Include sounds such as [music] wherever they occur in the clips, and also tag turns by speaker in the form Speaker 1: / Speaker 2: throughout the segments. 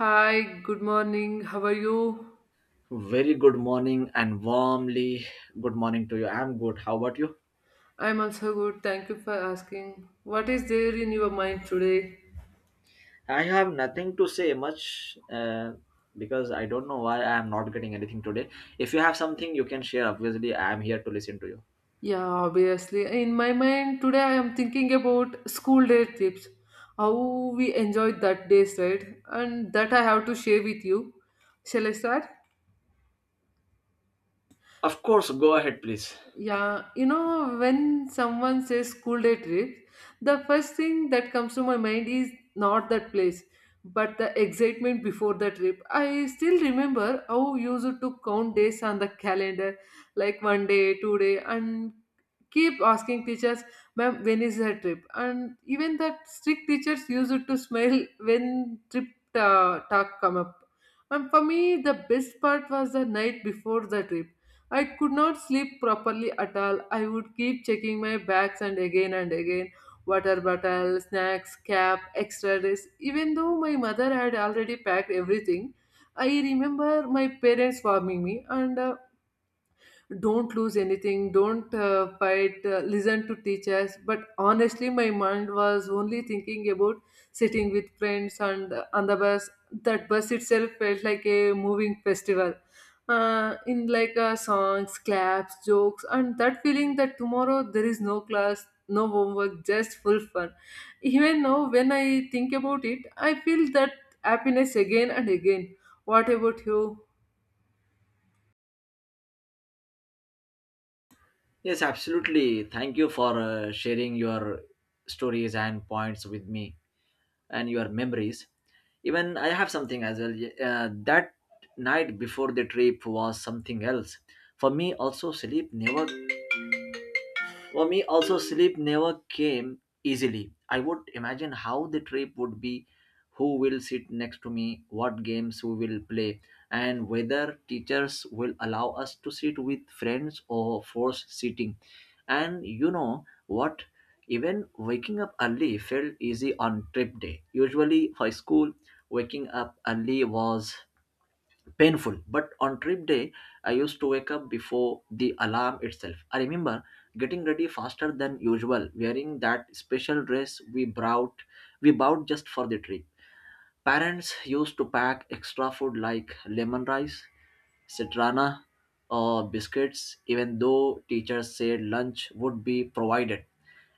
Speaker 1: Hi, good morning. How are you?
Speaker 2: Very good morning and warmly good morning to you. I'm good. How about you?
Speaker 1: I'm also good. Thank you for asking. What is there in your mind today?
Speaker 2: I have nothing to say much because I don't know why I am not getting anything today. If you have something, you can share. Obviously, I am here to listen to you.
Speaker 1: Yeah, obviously. In my mind today, I am thinking about school day trips. How we enjoyed that days, right? And that I have to share with you. Shall I start?
Speaker 2: Of course, go ahead, please.
Speaker 1: Yeah, when someone says school day trips, the first thing that comes to my mind is not that place, but the excitement before the trip. I still remember how we used to count days on the calendar, like one day, two day, and keep asking teachers, ma'am, when is her trip? And even the strict teachers used to smile when trip talk come up. And for me, the best part was the night before the trip. I could not sleep properly at all. I would keep checking my bags and again and again. Water bottle, snacks, cap, extra dress. Even though my mother had already packed everything, I remember my parents warming me and don't lose anything, don't fight, listen to teachers, but honestly my mind was only thinking about sitting with friends and on the bus. That bus itself felt like a moving festival, in like songs, claps, jokes, and that feeling that tomorrow there is no class, no homework, just full fun. Even now when I think about it, I feel that happiness again and again. What about you?
Speaker 2: Yes, absolutely. Thank you for sharing your stories and points with me and your memories. Even I have something as well. Yeah, that night before the trip was something else. For me, also, sleep never For me, also, sleep never came easily. I would imagine how the trip would be, who will sit next to me, what games we will play, and whether teachers will allow us to sit with friends or force sitting. And you know what? Even waking up early felt easy on trip day. Usually, for school, waking up early was painful, but on trip day I used to wake up before the alarm itself. I remember getting ready faster than usual, wearing that special dress we brought we bought just for the trip. Parents used to pack extra food like lemon rice, citrana, or biscuits, even though teachers said lunch would be provided.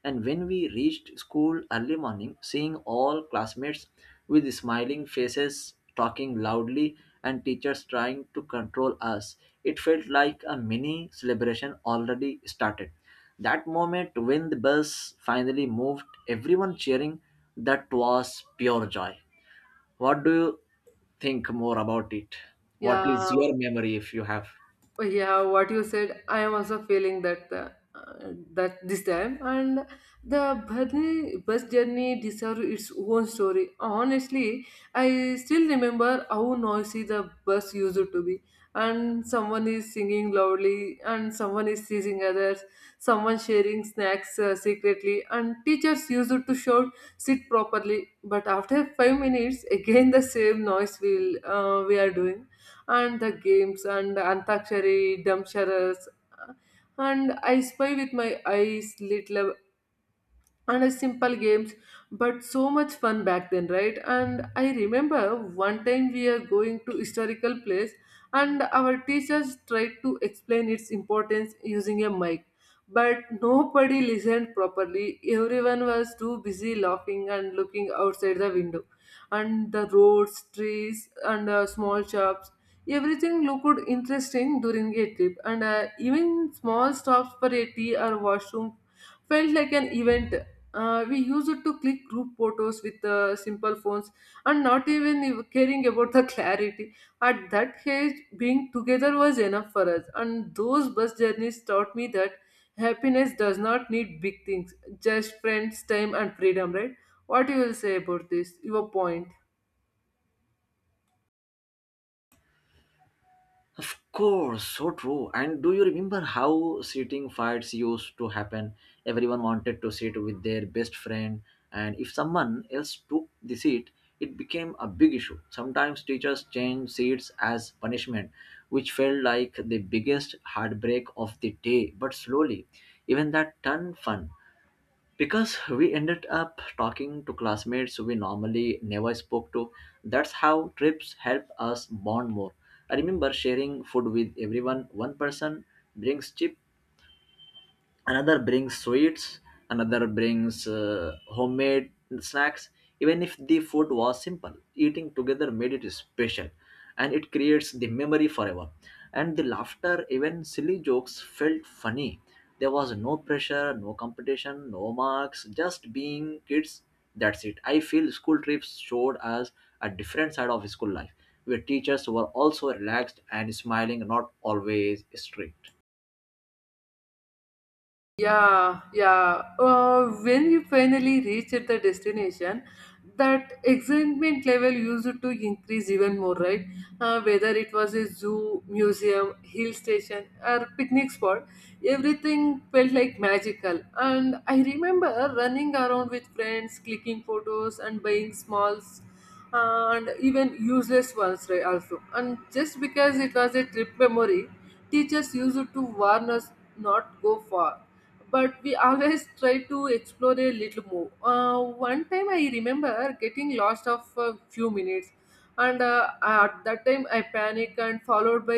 Speaker 2: And when we reached school early morning, seeing all classmates with smiling faces talking loudly and teachers trying to control us, it felt like a mini celebration already started. That moment when the bus finally moved, everyone cheering, that was pure joy. What do you think more about it? What is
Speaker 1: Yeah,
Speaker 2: your memory if you have?
Speaker 1: yeah, what you said, I am also feeling that this time and the Bharni bus journey deserves its own story, honestly. I still remember how noisy the bus used to be, and someone is singing loudly, and someone is teasing others, someone sharing snacks secretly, and teachers used to shout, sit properly, but after 5 minutes again the same noise we are doing. And the games, and Antakshari, Damsharas, and I spy with my eyes little, and a simple games, but so much fun back then, right? And I remember one time we are going to historical place, and our teachers tried to explain its importance using a mic, but nobody listened properly. Everyone was too busy laughing and looking outside the window. And the roads, trees, and small shops, everything looked interesting during a trip. And even small stops for a tea or washroom felt like an event. We use it to click group photos with simple phones, and not even caring about the [laughs] clarity. At that age, being together was enough for us. And those bus journeys taught me that happiness does not need big things, just friends, time, and freedom, right? What you will say about this? Your point.
Speaker 2: Of course, so true. And do you remember how sitting fights used to happen? Everyone wanted to sit with their best friend, and if someone else took the seat, it became a big issue. Sometimes teachers changed seats as punishment, which felt like the biggest heartbreak of the day. But slowly, even that turned fun, because we ended up talking to classmates we normally never spoke to. That's how trips help us bond more. I remember sharing food with everyone. One person brings chips, another brings sweets, another brings homemade snacks. Even if the food was simple, eating together made it special, and it creates the memory forever. And the laughter, even silly jokes felt funny. There was no pressure, no competition, no marks, just being kids. That's it. I feel school trips showed us a different side of school life, where teachers were also relaxed and smiling, not always strict.
Speaker 1: Yeah, yeah. When you finally reach at the destination, that excitement level used to increase even more, right? Whether it was a zoo, museum, hill station, or picnic spot, everything felt like magical. And I remember running around with friends, clicking photos, and buying smalls, and even useless ones, right, also, and just because it was a trip memory, teachers used to warn us, not go far, but we always [laughs] try to explore a little more. One time I remember getting lost of a few minutes, and at that time I panicked and followed by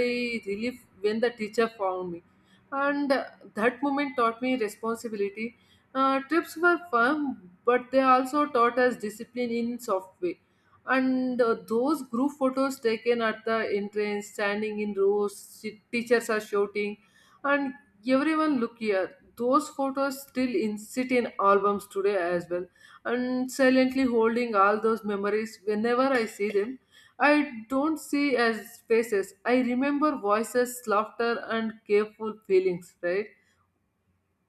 Speaker 1: relief when the teacher found me. And that moment taught me responsibility. Trips were fun, but they also taught us discipline in soft way. And those group photos taken at the entrance, standing in rows, teachers are shouting, and everyone, look here. Those photos still in sit in albums today as well, and silently holding all those memories. Whenever I see them, I don't see as faces. I remember voices, laughter, and careful feelings. Right?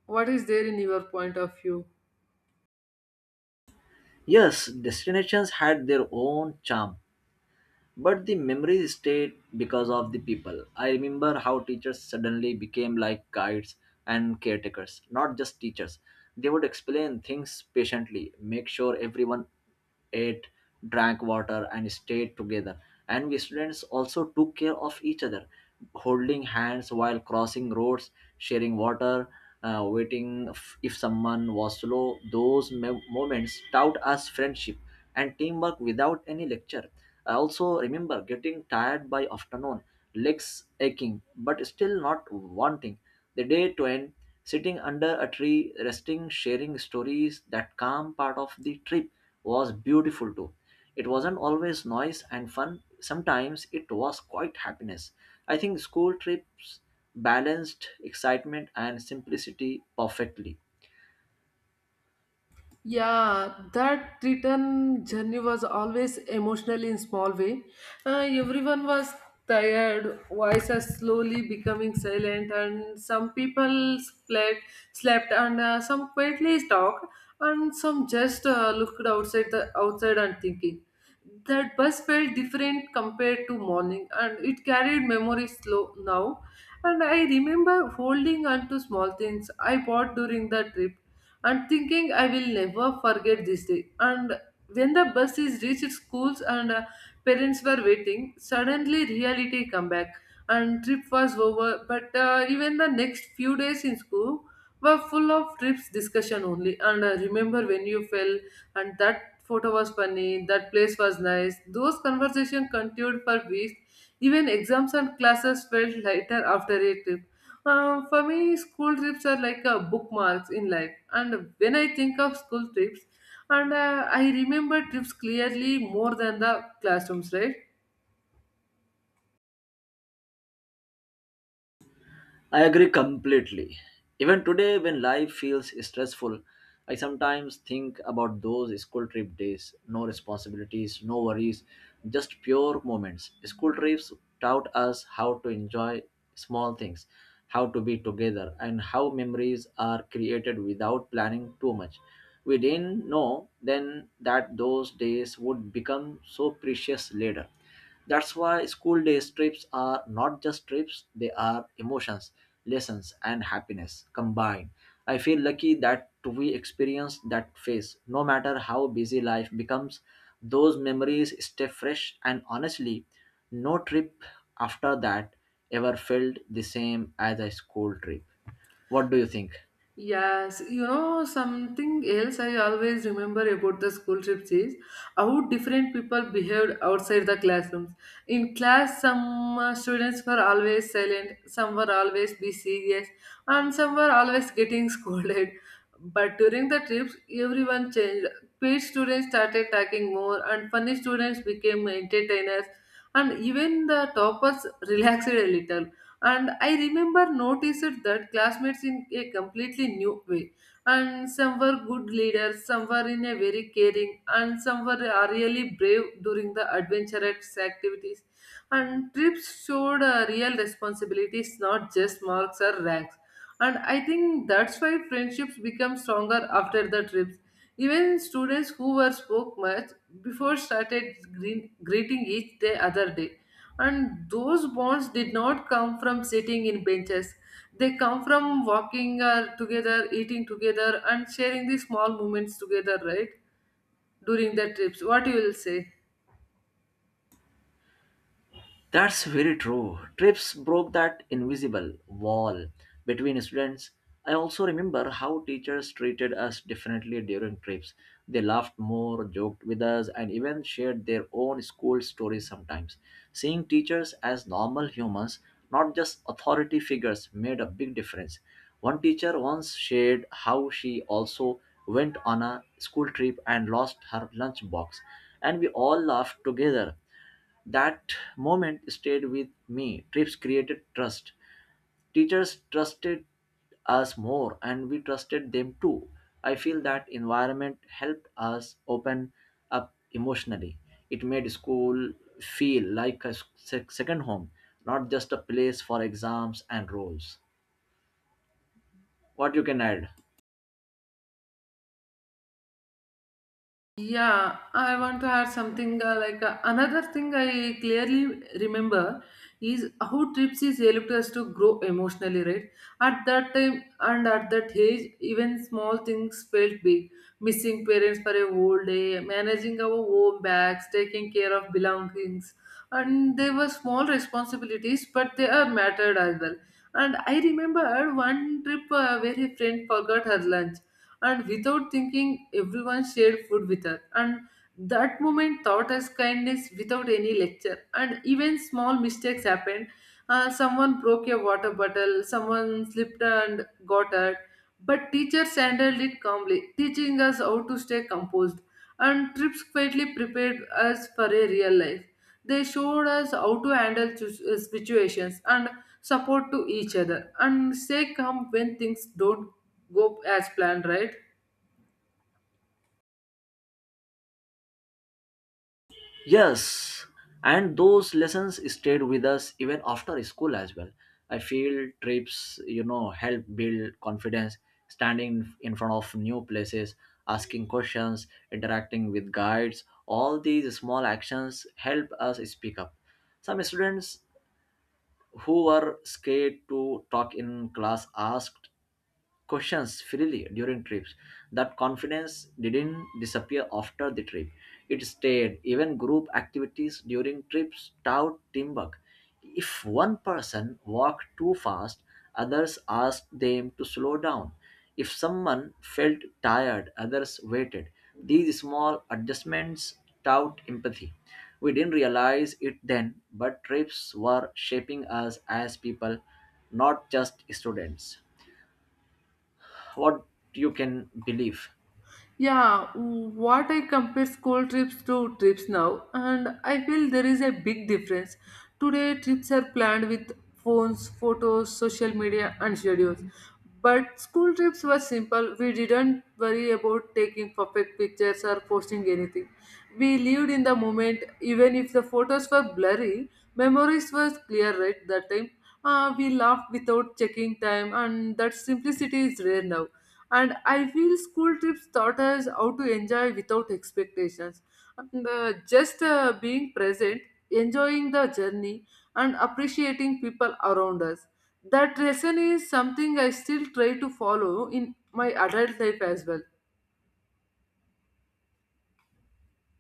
Speaker 1: What is there in your point of view?
Speaker 2: Yes, destinations had their own charm, but the memories stayed because of the people. I remember how teachers suddenly became like guides and caretakers, not just teachers. They would explain things patiently, make sure everyone ate, drank water, and stayed together. And we students also took care of each other, holding hands while crossing roads, sharing water, waiting if someone was slow. Those moments taught us friendship and teamwork without any lecture. I also remember getting tired by afternoon, legs aching, but still not wanting the day to end. Sitting under a tree, resting, sharing stories, that calm part of the trip was beautiful too. It wasn't always noise and fun, sometimes it was quite happiness. I think school trips balanced excitement and simplicity perfectly.
Speaker 1: Yeah, that return journey was always emotional in small way. Everyone was tired, voices slowly becoming silent, and some people slept, and some quietly talked, and some just looked outside the outside and thinking. That bus felt different compared to morning, and it carried memories slow now. And I remember holding on to small things I bought during the trip and thinking I will never forget this day. And when the bus is reached schools and parents were waiting, suddenly reality come back and trip was over. But even the next few days in school were full of trips discussion only. And remember when you fell, and that photo was funny, that place was nice. Those conversations continued for weeks. Even exams and classes felt lighter after a trip. For me, school trips are like bookmarks in life. And when I think of school trips, and I remember trips clearly more than the classrooms, right?
Speaker 2: I agree completely. Even today, when life feels stressful, I sometimes think about those school trip days. No responsibilities, no worries, just pure moments. School trips taught us how to enjoy small things, how to be together, and how memories are created without planning too much. We didn't know then that those days would become so precious later. That's why school days trips are not just trips, they are emotions, lessons, and happiness combined. I feel lucky that we experience that phase. No matter how busy life becomes, those memories stay fresh, and honestly, no trip after that ever felt the same as a school trip. What do you think?
Speaker 1: Yes, something else I always remember about the school trips is how different people behaved outside the classrooms. In class, some students were always silent, some were always be serious, and some were always getting [laughs] scolded. But during the trips, everyone changed. Paid students started talking more, and funny students became entertainers, and even the toppers [laughs] relaxed a little, and I remember noticed that classmates in a completely new way, and some were good leaders, some were in a very caring, and some were really brave during the adventurous activities, and trips showed a real responsibilities, not just marks or ranks. And I think that's why friendships become stronger after the trips. Even students who were spoke much before started greeting each day other day. And those bonds did not come from sitting in benches. They come from walking together, eating together, and sharing the small moments together, right? During the trips. What you will say?
Speaker 2: That's very true. Trips broke that invisible wall between students. I also remember how teachers treated us differently during trips. They laughed more, joked with us, and even shared their own school stories sometimes. Seeing teachers as normal humans, not just authority figures, made a big difference. One teacher once shared how she also went on a school trip and lost her lunchbox, and we all laughed together. That moment stayed with me. Trips created trust. Teachers trusted us more, and we trusted them too. I feel that environment helped us open up emotionally. It made school feel like a second home, not just a place for exams and roles. What you can add?
Speaker 1: Yeah, I want to add something like another thing I clearly remember is how trips is helped us to grow emotionally, right? At that time and at that age, even small things felt big. Missing parents for a whole day, managing our own bags, taking care of belongings, and they were small responsibilities, but they are mattered as well. And I remember one trip where a friend forgot her lunch, and without thinking everyone shared food with her, and that moment taught us kindness without any lecture. And even small mistakes happened, someone broke a water bottle, someone slipped and got hurt, but teachers handled it calmly, teaching us how to stay composed. And trips quietly prepared us for a real life. They showed us how to handle situations, and support to each other, and stay calm when things don't go as planned, right?
Speaker 2: Yes, and those lessons stayed with us even after school as well. I feel trips, you know, help build confidence, standing in front of new places, asking questions, interacting with guides. All these small actions help us speak up. Some students who were scared to talk in class asked questions freely during trips. That confidence didn't disappear after the trip. It stayed. Even group activities during trips taught teamwork. If one person walked too fast, others asked them to slow down. If someone felt tired, others waited. These small adjustments taught empathy. We didn't realize it then, but trips were shaping us as people, not just students. What you can believe.
Speaker 1: Yeah, what I compare school trips to trips now, and I feel there is a big difference. Today, trips are planned with phones, photos, social media, and schedules. But school trips were simple. We didn't worry about taking perfect pictures or posting anything. We lived in the moment, even if the photos were blurry, memories were clear right that time. We laughed without checking time, and that simplicity is rare now. And I feel school trips taught us how to enjoy without expectations, and just being present, enjoying the journey, and appreciating people around us. That lesson is something I still try to follow in my adult life as well.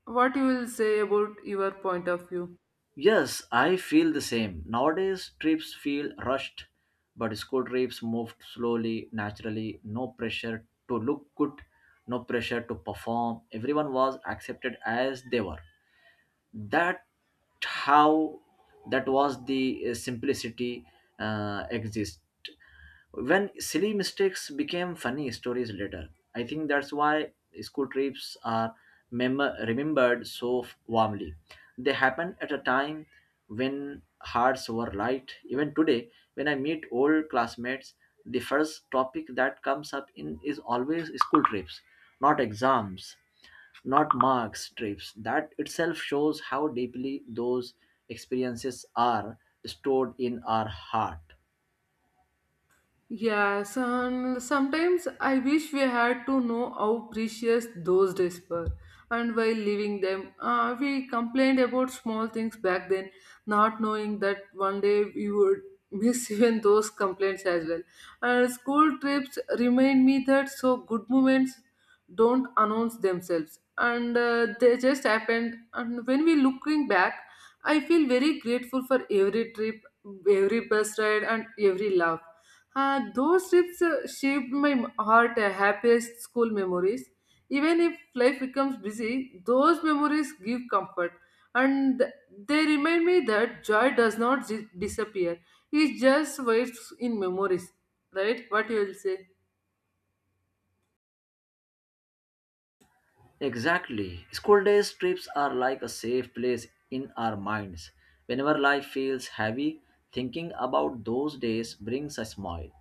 Speaker 1: What you will say about your point of view?
Speaker 2: Yes, I feel the same. Nowadays, trips feel rushed, but school trips moved slowly, naturally, no pressure to look good, no pressure to perform. Everyone was accepted as they were. that how that was the simplicity exist. When silly mistakes became funny stories later, I think that's why school trips are mem- remembered so warmly. They happened at a time when hearts were light. Even today, when I meet old classmates, the first topic that comes up in is always school trips, not exams, not marks, trips. That itself shows how deeply those experiences are stored in our heart.
Speaker 1: Yes, and sometimes I wish we had to know how precious those days were. And while living them, we complained about small things back then, not knowing that one day we would miss [laughs] even those complaints as well. And school trips remind me that so good moments don't announce themselves, and they just happened. And when we looking back, I feel very grateful for every trip, every bus ride, and every laugh. Those trips shaped my heart, happiest school memories. Even if life becomes busy, those memories give comfort, and they remind me that joy does not disappear. It just waits in memories, right? What you will say?
Speaker 2: Exactly. School days trips are like a safe place in our minds. Whenever life feels heavy, thinking about those days brings a smile.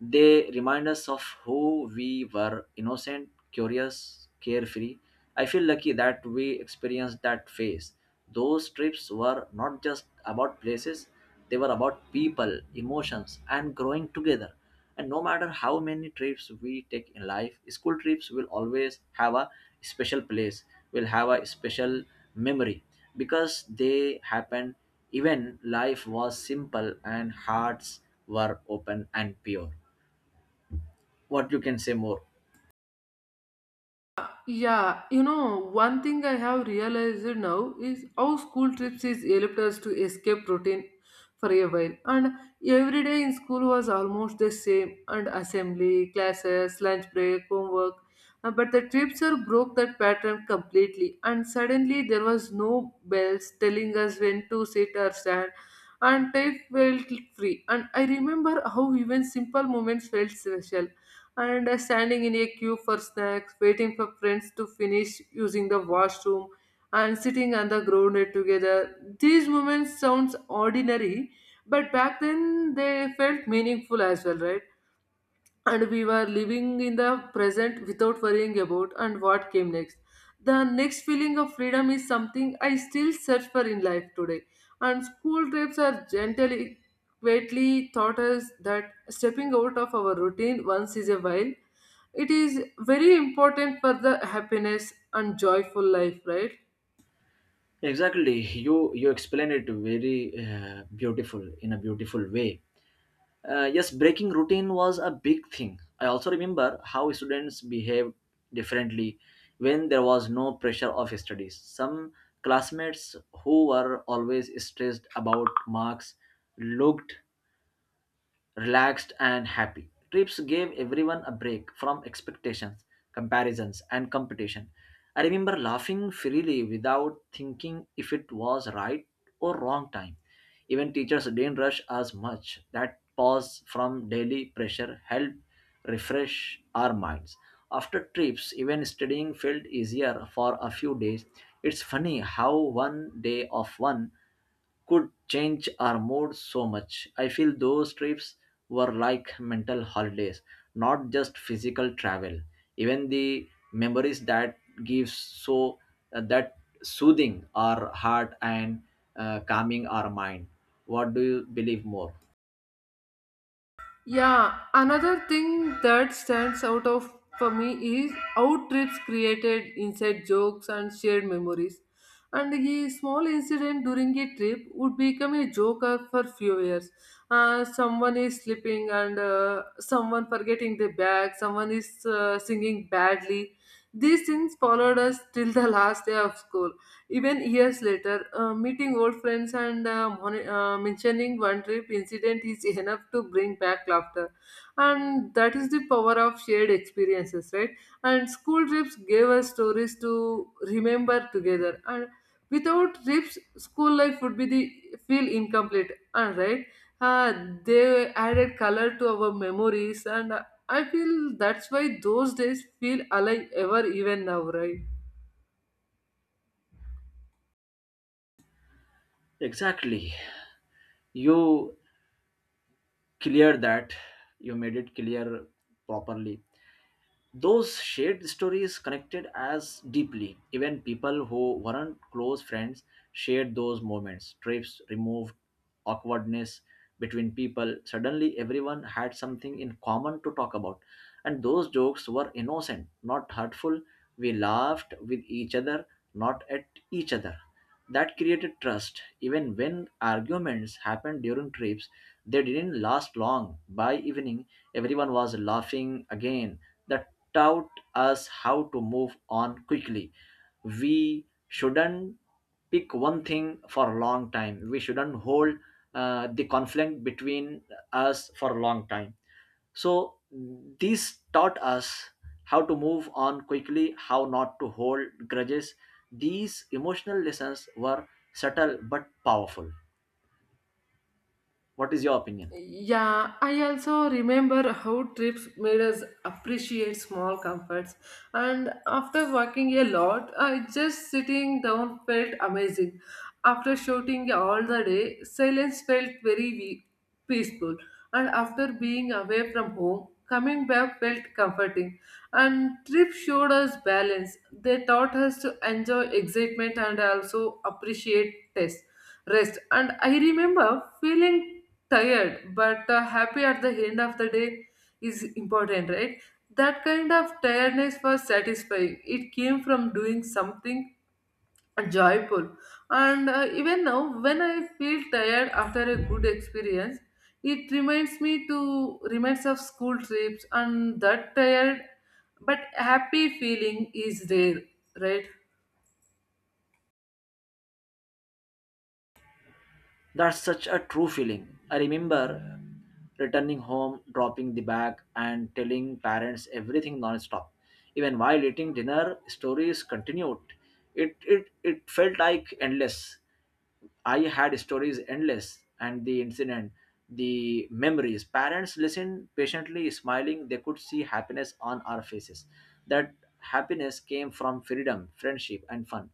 Speaker 2: They remind us of who we were: innocent, curious, carefree. I feel lucky that we experienced that phase. Those trips were not just about places, they were about people, emotions, and growing together. And no matter how many trips we take in life, school trips will always have a special place, will have a special memory, because they happened even life was simple and hearts were open and pure. What you can say more?
Speaker 1: Yeah, one thing I have realized now is how school trips is helped us to escape routine for a while. And every day in school was almost the same, and assembly, classes, lunch break, homework. But the trips are broke that pattern completely, and suddenly there was no bells telling us when to sit or stand, and time felt free. And I remember how even simple moments felt special, and standing in a queue for snacks, waiting for friends to finish using the washroom, and sitting on the ground together. These moments sounds ordinary, but back then they felt meaningful as well, right? And we were living in the present without worrying about and what came next. The next feeling of freedom is something I still search for in life today, and school trips are gently quietly taught us that stepping out of our routine once is a while, it is very important for the happiness and joyful life, right?
Speaker 2: Exactly. You explained it very beautiful in a beautiful way. Yes, breaking routine was a big thing. I also remember how students behaved differently when there was no pressure of studies. Some classmates who were always stressed about marks looked relaxed and happy. Trips gave everyone a break from expectations, comparisons, and competition. I remember laughing freely without thinking if it was right or wrong time. Even teachers didn't rush as much. That pause from daily pressure helped refresh our minds. After trips, even studying felt easier for a few days. It's funny how one day of one could change our mood so much. I feel those trips were like mental holidays, not just physical travel. Even the memories that gives so that soothing our heart and calming our mind. What do you believe more?
Speaker 1: Yeah, another thing that stands out of for me is how trips created inside jokes and shared memories. And a small incident during a trip would become a joker for few years. Someone is slipping and someone forgetting their bag. Someone is singing badly. These things followed us till the [laughs] last day of school. Even years later, meeting old friends and mentioning one trip incident is [laughs] enough to bring back laughter. And that is the power of shared experiences, right? And school trips gave us stories to remember together. And without trips, school life would be the feel incomplete. And right, uh, they added color to our memories, and I feel that's why those days feel alive ever even now, right?
Speaker 2: Exactly. You clear that. You made it clear properly. Those shared stories connected as deeply. Even people who weren't close friends shared those moments. Trips removed awkwardness between people. Suddenly everyone had something in common to talk about, and those jokes were innocent, not hurtful. We laughed with each other, not at each other. That created trust. Even when arguments happened during trips, they didn't last long. By evening, everyone was laughing again. That taught us how to move on quickly. We shouldn't pick one thing for a long time. We shouldn't hold the conflict between us for a long time. So this taught us how to move on quickly, how not to hold grudges. These emotional lessons were subtle but powerful. What is your opinion?
Speaker 1: Yeah, I also remember how trips made us appreciate small comforts. And after working a lot, I just sitting down felt amazing. After shouting all the day, silence felt very peaceful. And after being away from home, coming back felt comforting. And trip showed us balance. They taught us to enjoy excitement and also appreciate test rest, and I remember feeling tired but happy at the end of the day is important, right? That kind of tiredness was satisfying. It came from doing something joyful, and even now when I feel tired after a good experience, it reminds me to reminds of school trips, and that tired but happy feeling is rare, right?
Speaker 2: That's such a true feeling. I remember returning home, dropping the bag, and telling parents everything non-stop. Even while eating dinner, stories continued. It felt like endless. I had stories endless, and the incident, the memories. Parents listened patiently, smiling. They could see happiness on our faces. That happiness came from freedom, friendship, and fun.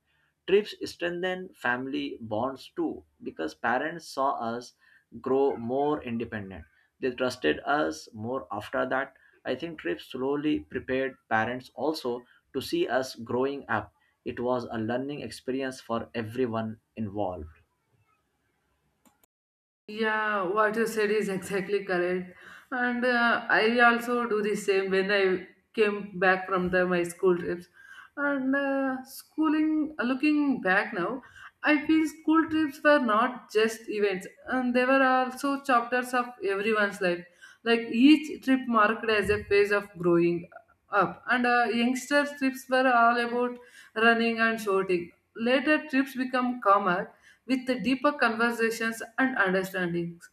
Speaker 2: Trips strengthen family bonds too because parents saw us grow more independent. They trusted us more after that. I think trips slowly prepared parents also to see us growing up. It was a learning experience for everyone involved.
Speaker 1: Yeah, what you said is exactly correct. And I also do the same when I came back from the, my school trips. And schooling, looking back now, I feel school trips were not just events, and they were also chapters of everyone's life. Like each trip marked as a phase of growing up. And youngster trips were all about running and shouting. Later trips become calmer with the deeper conversations and understandings.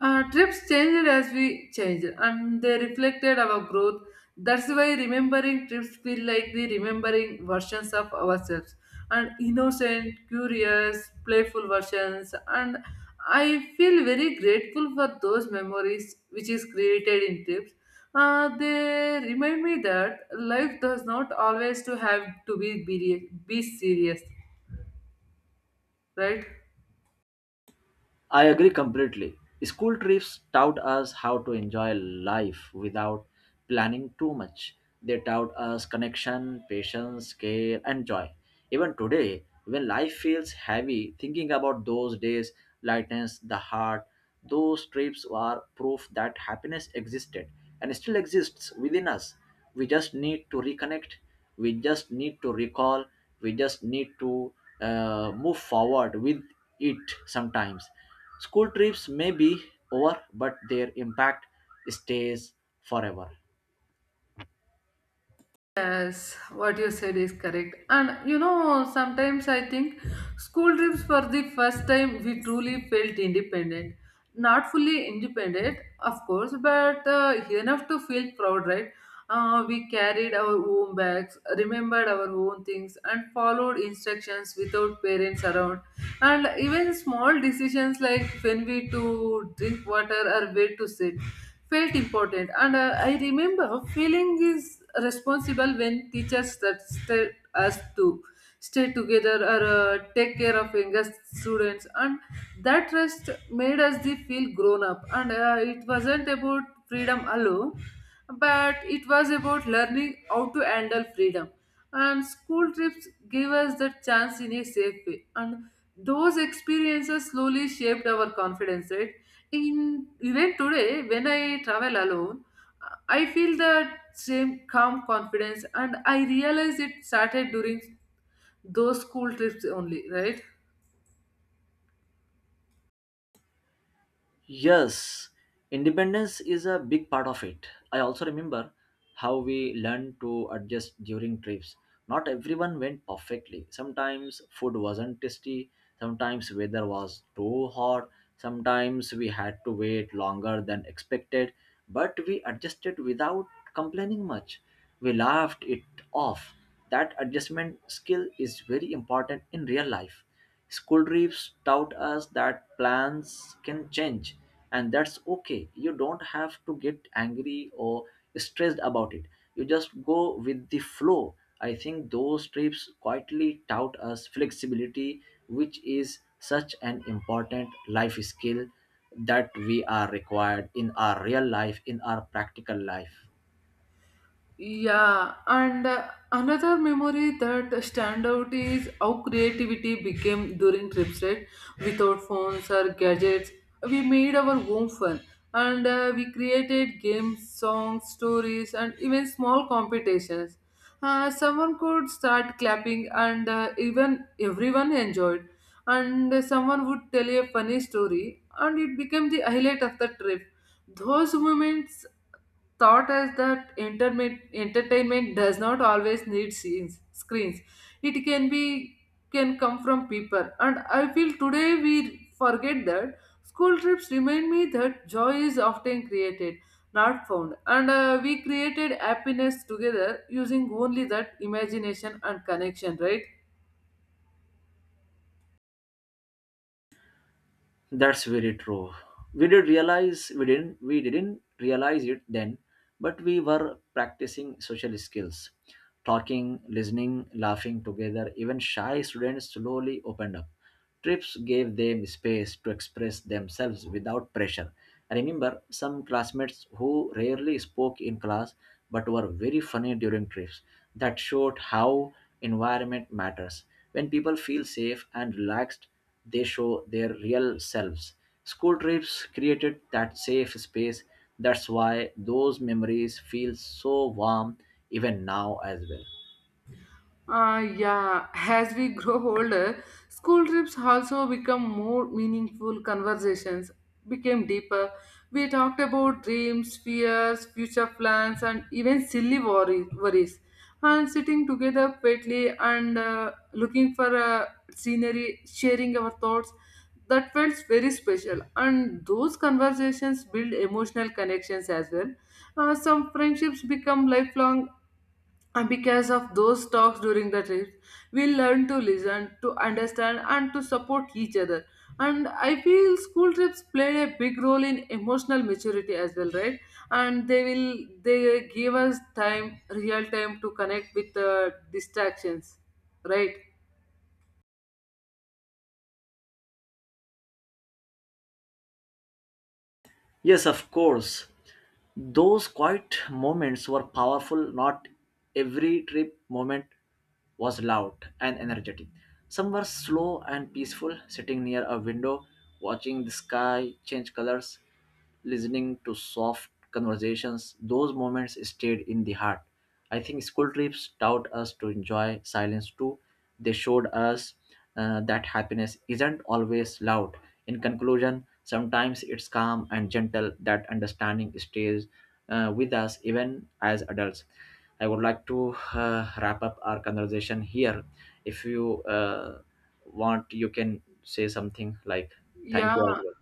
Speaker 1: Trips changed as we changed, and they reflected our growth. That's why remembering trips feel like the remembering versions of ourselves, and innocent, curious, playful versions. And I feel very grateful for those memories which is created in trips. They remind me that life does not always to have to be serious, right?
Speaker 2: I agree completely. School trips taught us how to enjoy life without planning too much. They taught us connection, patience, care, and joy. Even today, when life feels heavy, thinking about those days lightens the heart. Those trips are proof that happiness existed and still exists within us. We just need to reconnect. We just need to recall. We just need to move forward with it sometimes. School trips may be over, but their impact stays forever.
Speaker 1: Yes, what you said is correct. And you know, sometimes I think school trips for the first time we truly felt independent. Not fully independent, of course, but enough to feel proud, right? We carried our own bags, remembered our own things, and followed instructions without parents around. And even small decisions like when we to drink water or where to sit felt important. And I remember feeling is responsible when teachers that tell us to stay together or take care of younger students. And that trust made us the feel grown up. And it wasn't about freedom alone, but it was about learning how to handle freedom, and school trips gave us that chance in a safe way, and those experiences slowly shaped our confidence, right? In even today when I travel alone, I feel that same calm confidence, and I realize it started during those school trips only, right?
Speaker 2: Yes, independence is a big part of it. I also remember how we learned to adjust during trips. Not everyone went perfectly. Sometimes food wasn't tasty, sometimes weather was too hot, sometimes we had to wait longer than expected, but we adjusted without complaining much. We laughed it off. That adjustment skill is very important in real life. School trips taught us that plans can change, and that's okay. You don't have to get angry or stressed about it. You just go with the flow. I think those trips quietly taught us flexibility, which is such an important life skill that we are required in our real life, in our practical life.
Speaker 1: Yeah, and another memory that stand out is how creativity became during trips, right? Without phones or gadgets, we made our own fun, and we created games, songs, stories, and even small competitions. Someone could start clapping, and even everyone enjoyed. And someone would tell a funny story, and it became the highlight of the trip. Those moments thought is that entertainment does not always need scenes screens, it can be can come from people, and I feel today we forget that. School trips remind me that joy is often created not found, and we created happiness together using only that imagination and connection, right?
Speaker 2: That's very true. We didn't realize it then, but we were practicing social skills, talking, listening, laughing together. Even shy students slowly opened up. Trips gave them space to express themselves without pressure. I remember some classmates who rarely spoke in class but were very funny during trips. That showed how environment matters. When people feel safe and relaxed, they show their real selves. School trips created that safe space. That's why those memories feel so warm even now as well.
Speaker 1: Yeah, as we grow older, school trips also become more meaningful conversations, became deeper. We talked about dreams, fears, future plans, and even silly worries. And sitting together quietly and looking for a scenery, sharing our thoughts, that felt very special. And those conversations build emotional connections as well. Some friendships become lifelong and because of those talks during the trips, we learn to listen, to understand, and to support each other. And I feel school trips played a big role in emotional maturity as well, right? And they will they give us time, real time, to connect with distractions, right?
Speaker 2: Yes, of course. Those quiet moments were powerful. Not every trip moment was loud and energetic. Some were slow and peaceful, sitting near a window, watching the sky change colors, listening to soft conversations. Those moments stayed in the heart. I think school trips taught us to enjoy silence too. They showed us that happiness isn't always loud. In conclusion, sometimes it's calm and gentle, that understanding stays with us even as adults. I would like to wrap up our conversation here. If you want, you can say something like thank
Speaker 1: Yeah,
Speaker 2: you as well.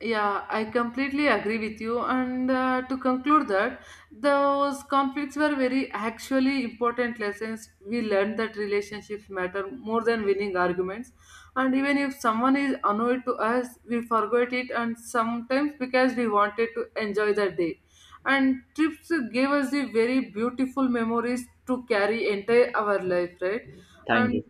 Speaker 1: yeah, I completely agree with you. And to conclude that, those conflicts were very actually important lessons. We learned that relationships matter more than winning arguments. And even if someone is annoyed to us, we forgot it, and sometimes because we wanted to enjoy the day. And trips gave us the very beautiful memories to carry entire our life, right?
Speaker 2: Thank
Speaker 1: And
Speaker 2: you.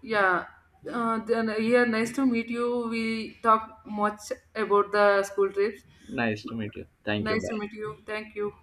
Speaker 1: yeah. Then, yeah, nice to meet you. We talk much about the school trips.
Speaker 2: Nice to meet you. Thank you.
Speaker 1: Nice to
Speaker 2: Bye.
Speaker 1: meet you. Thank you.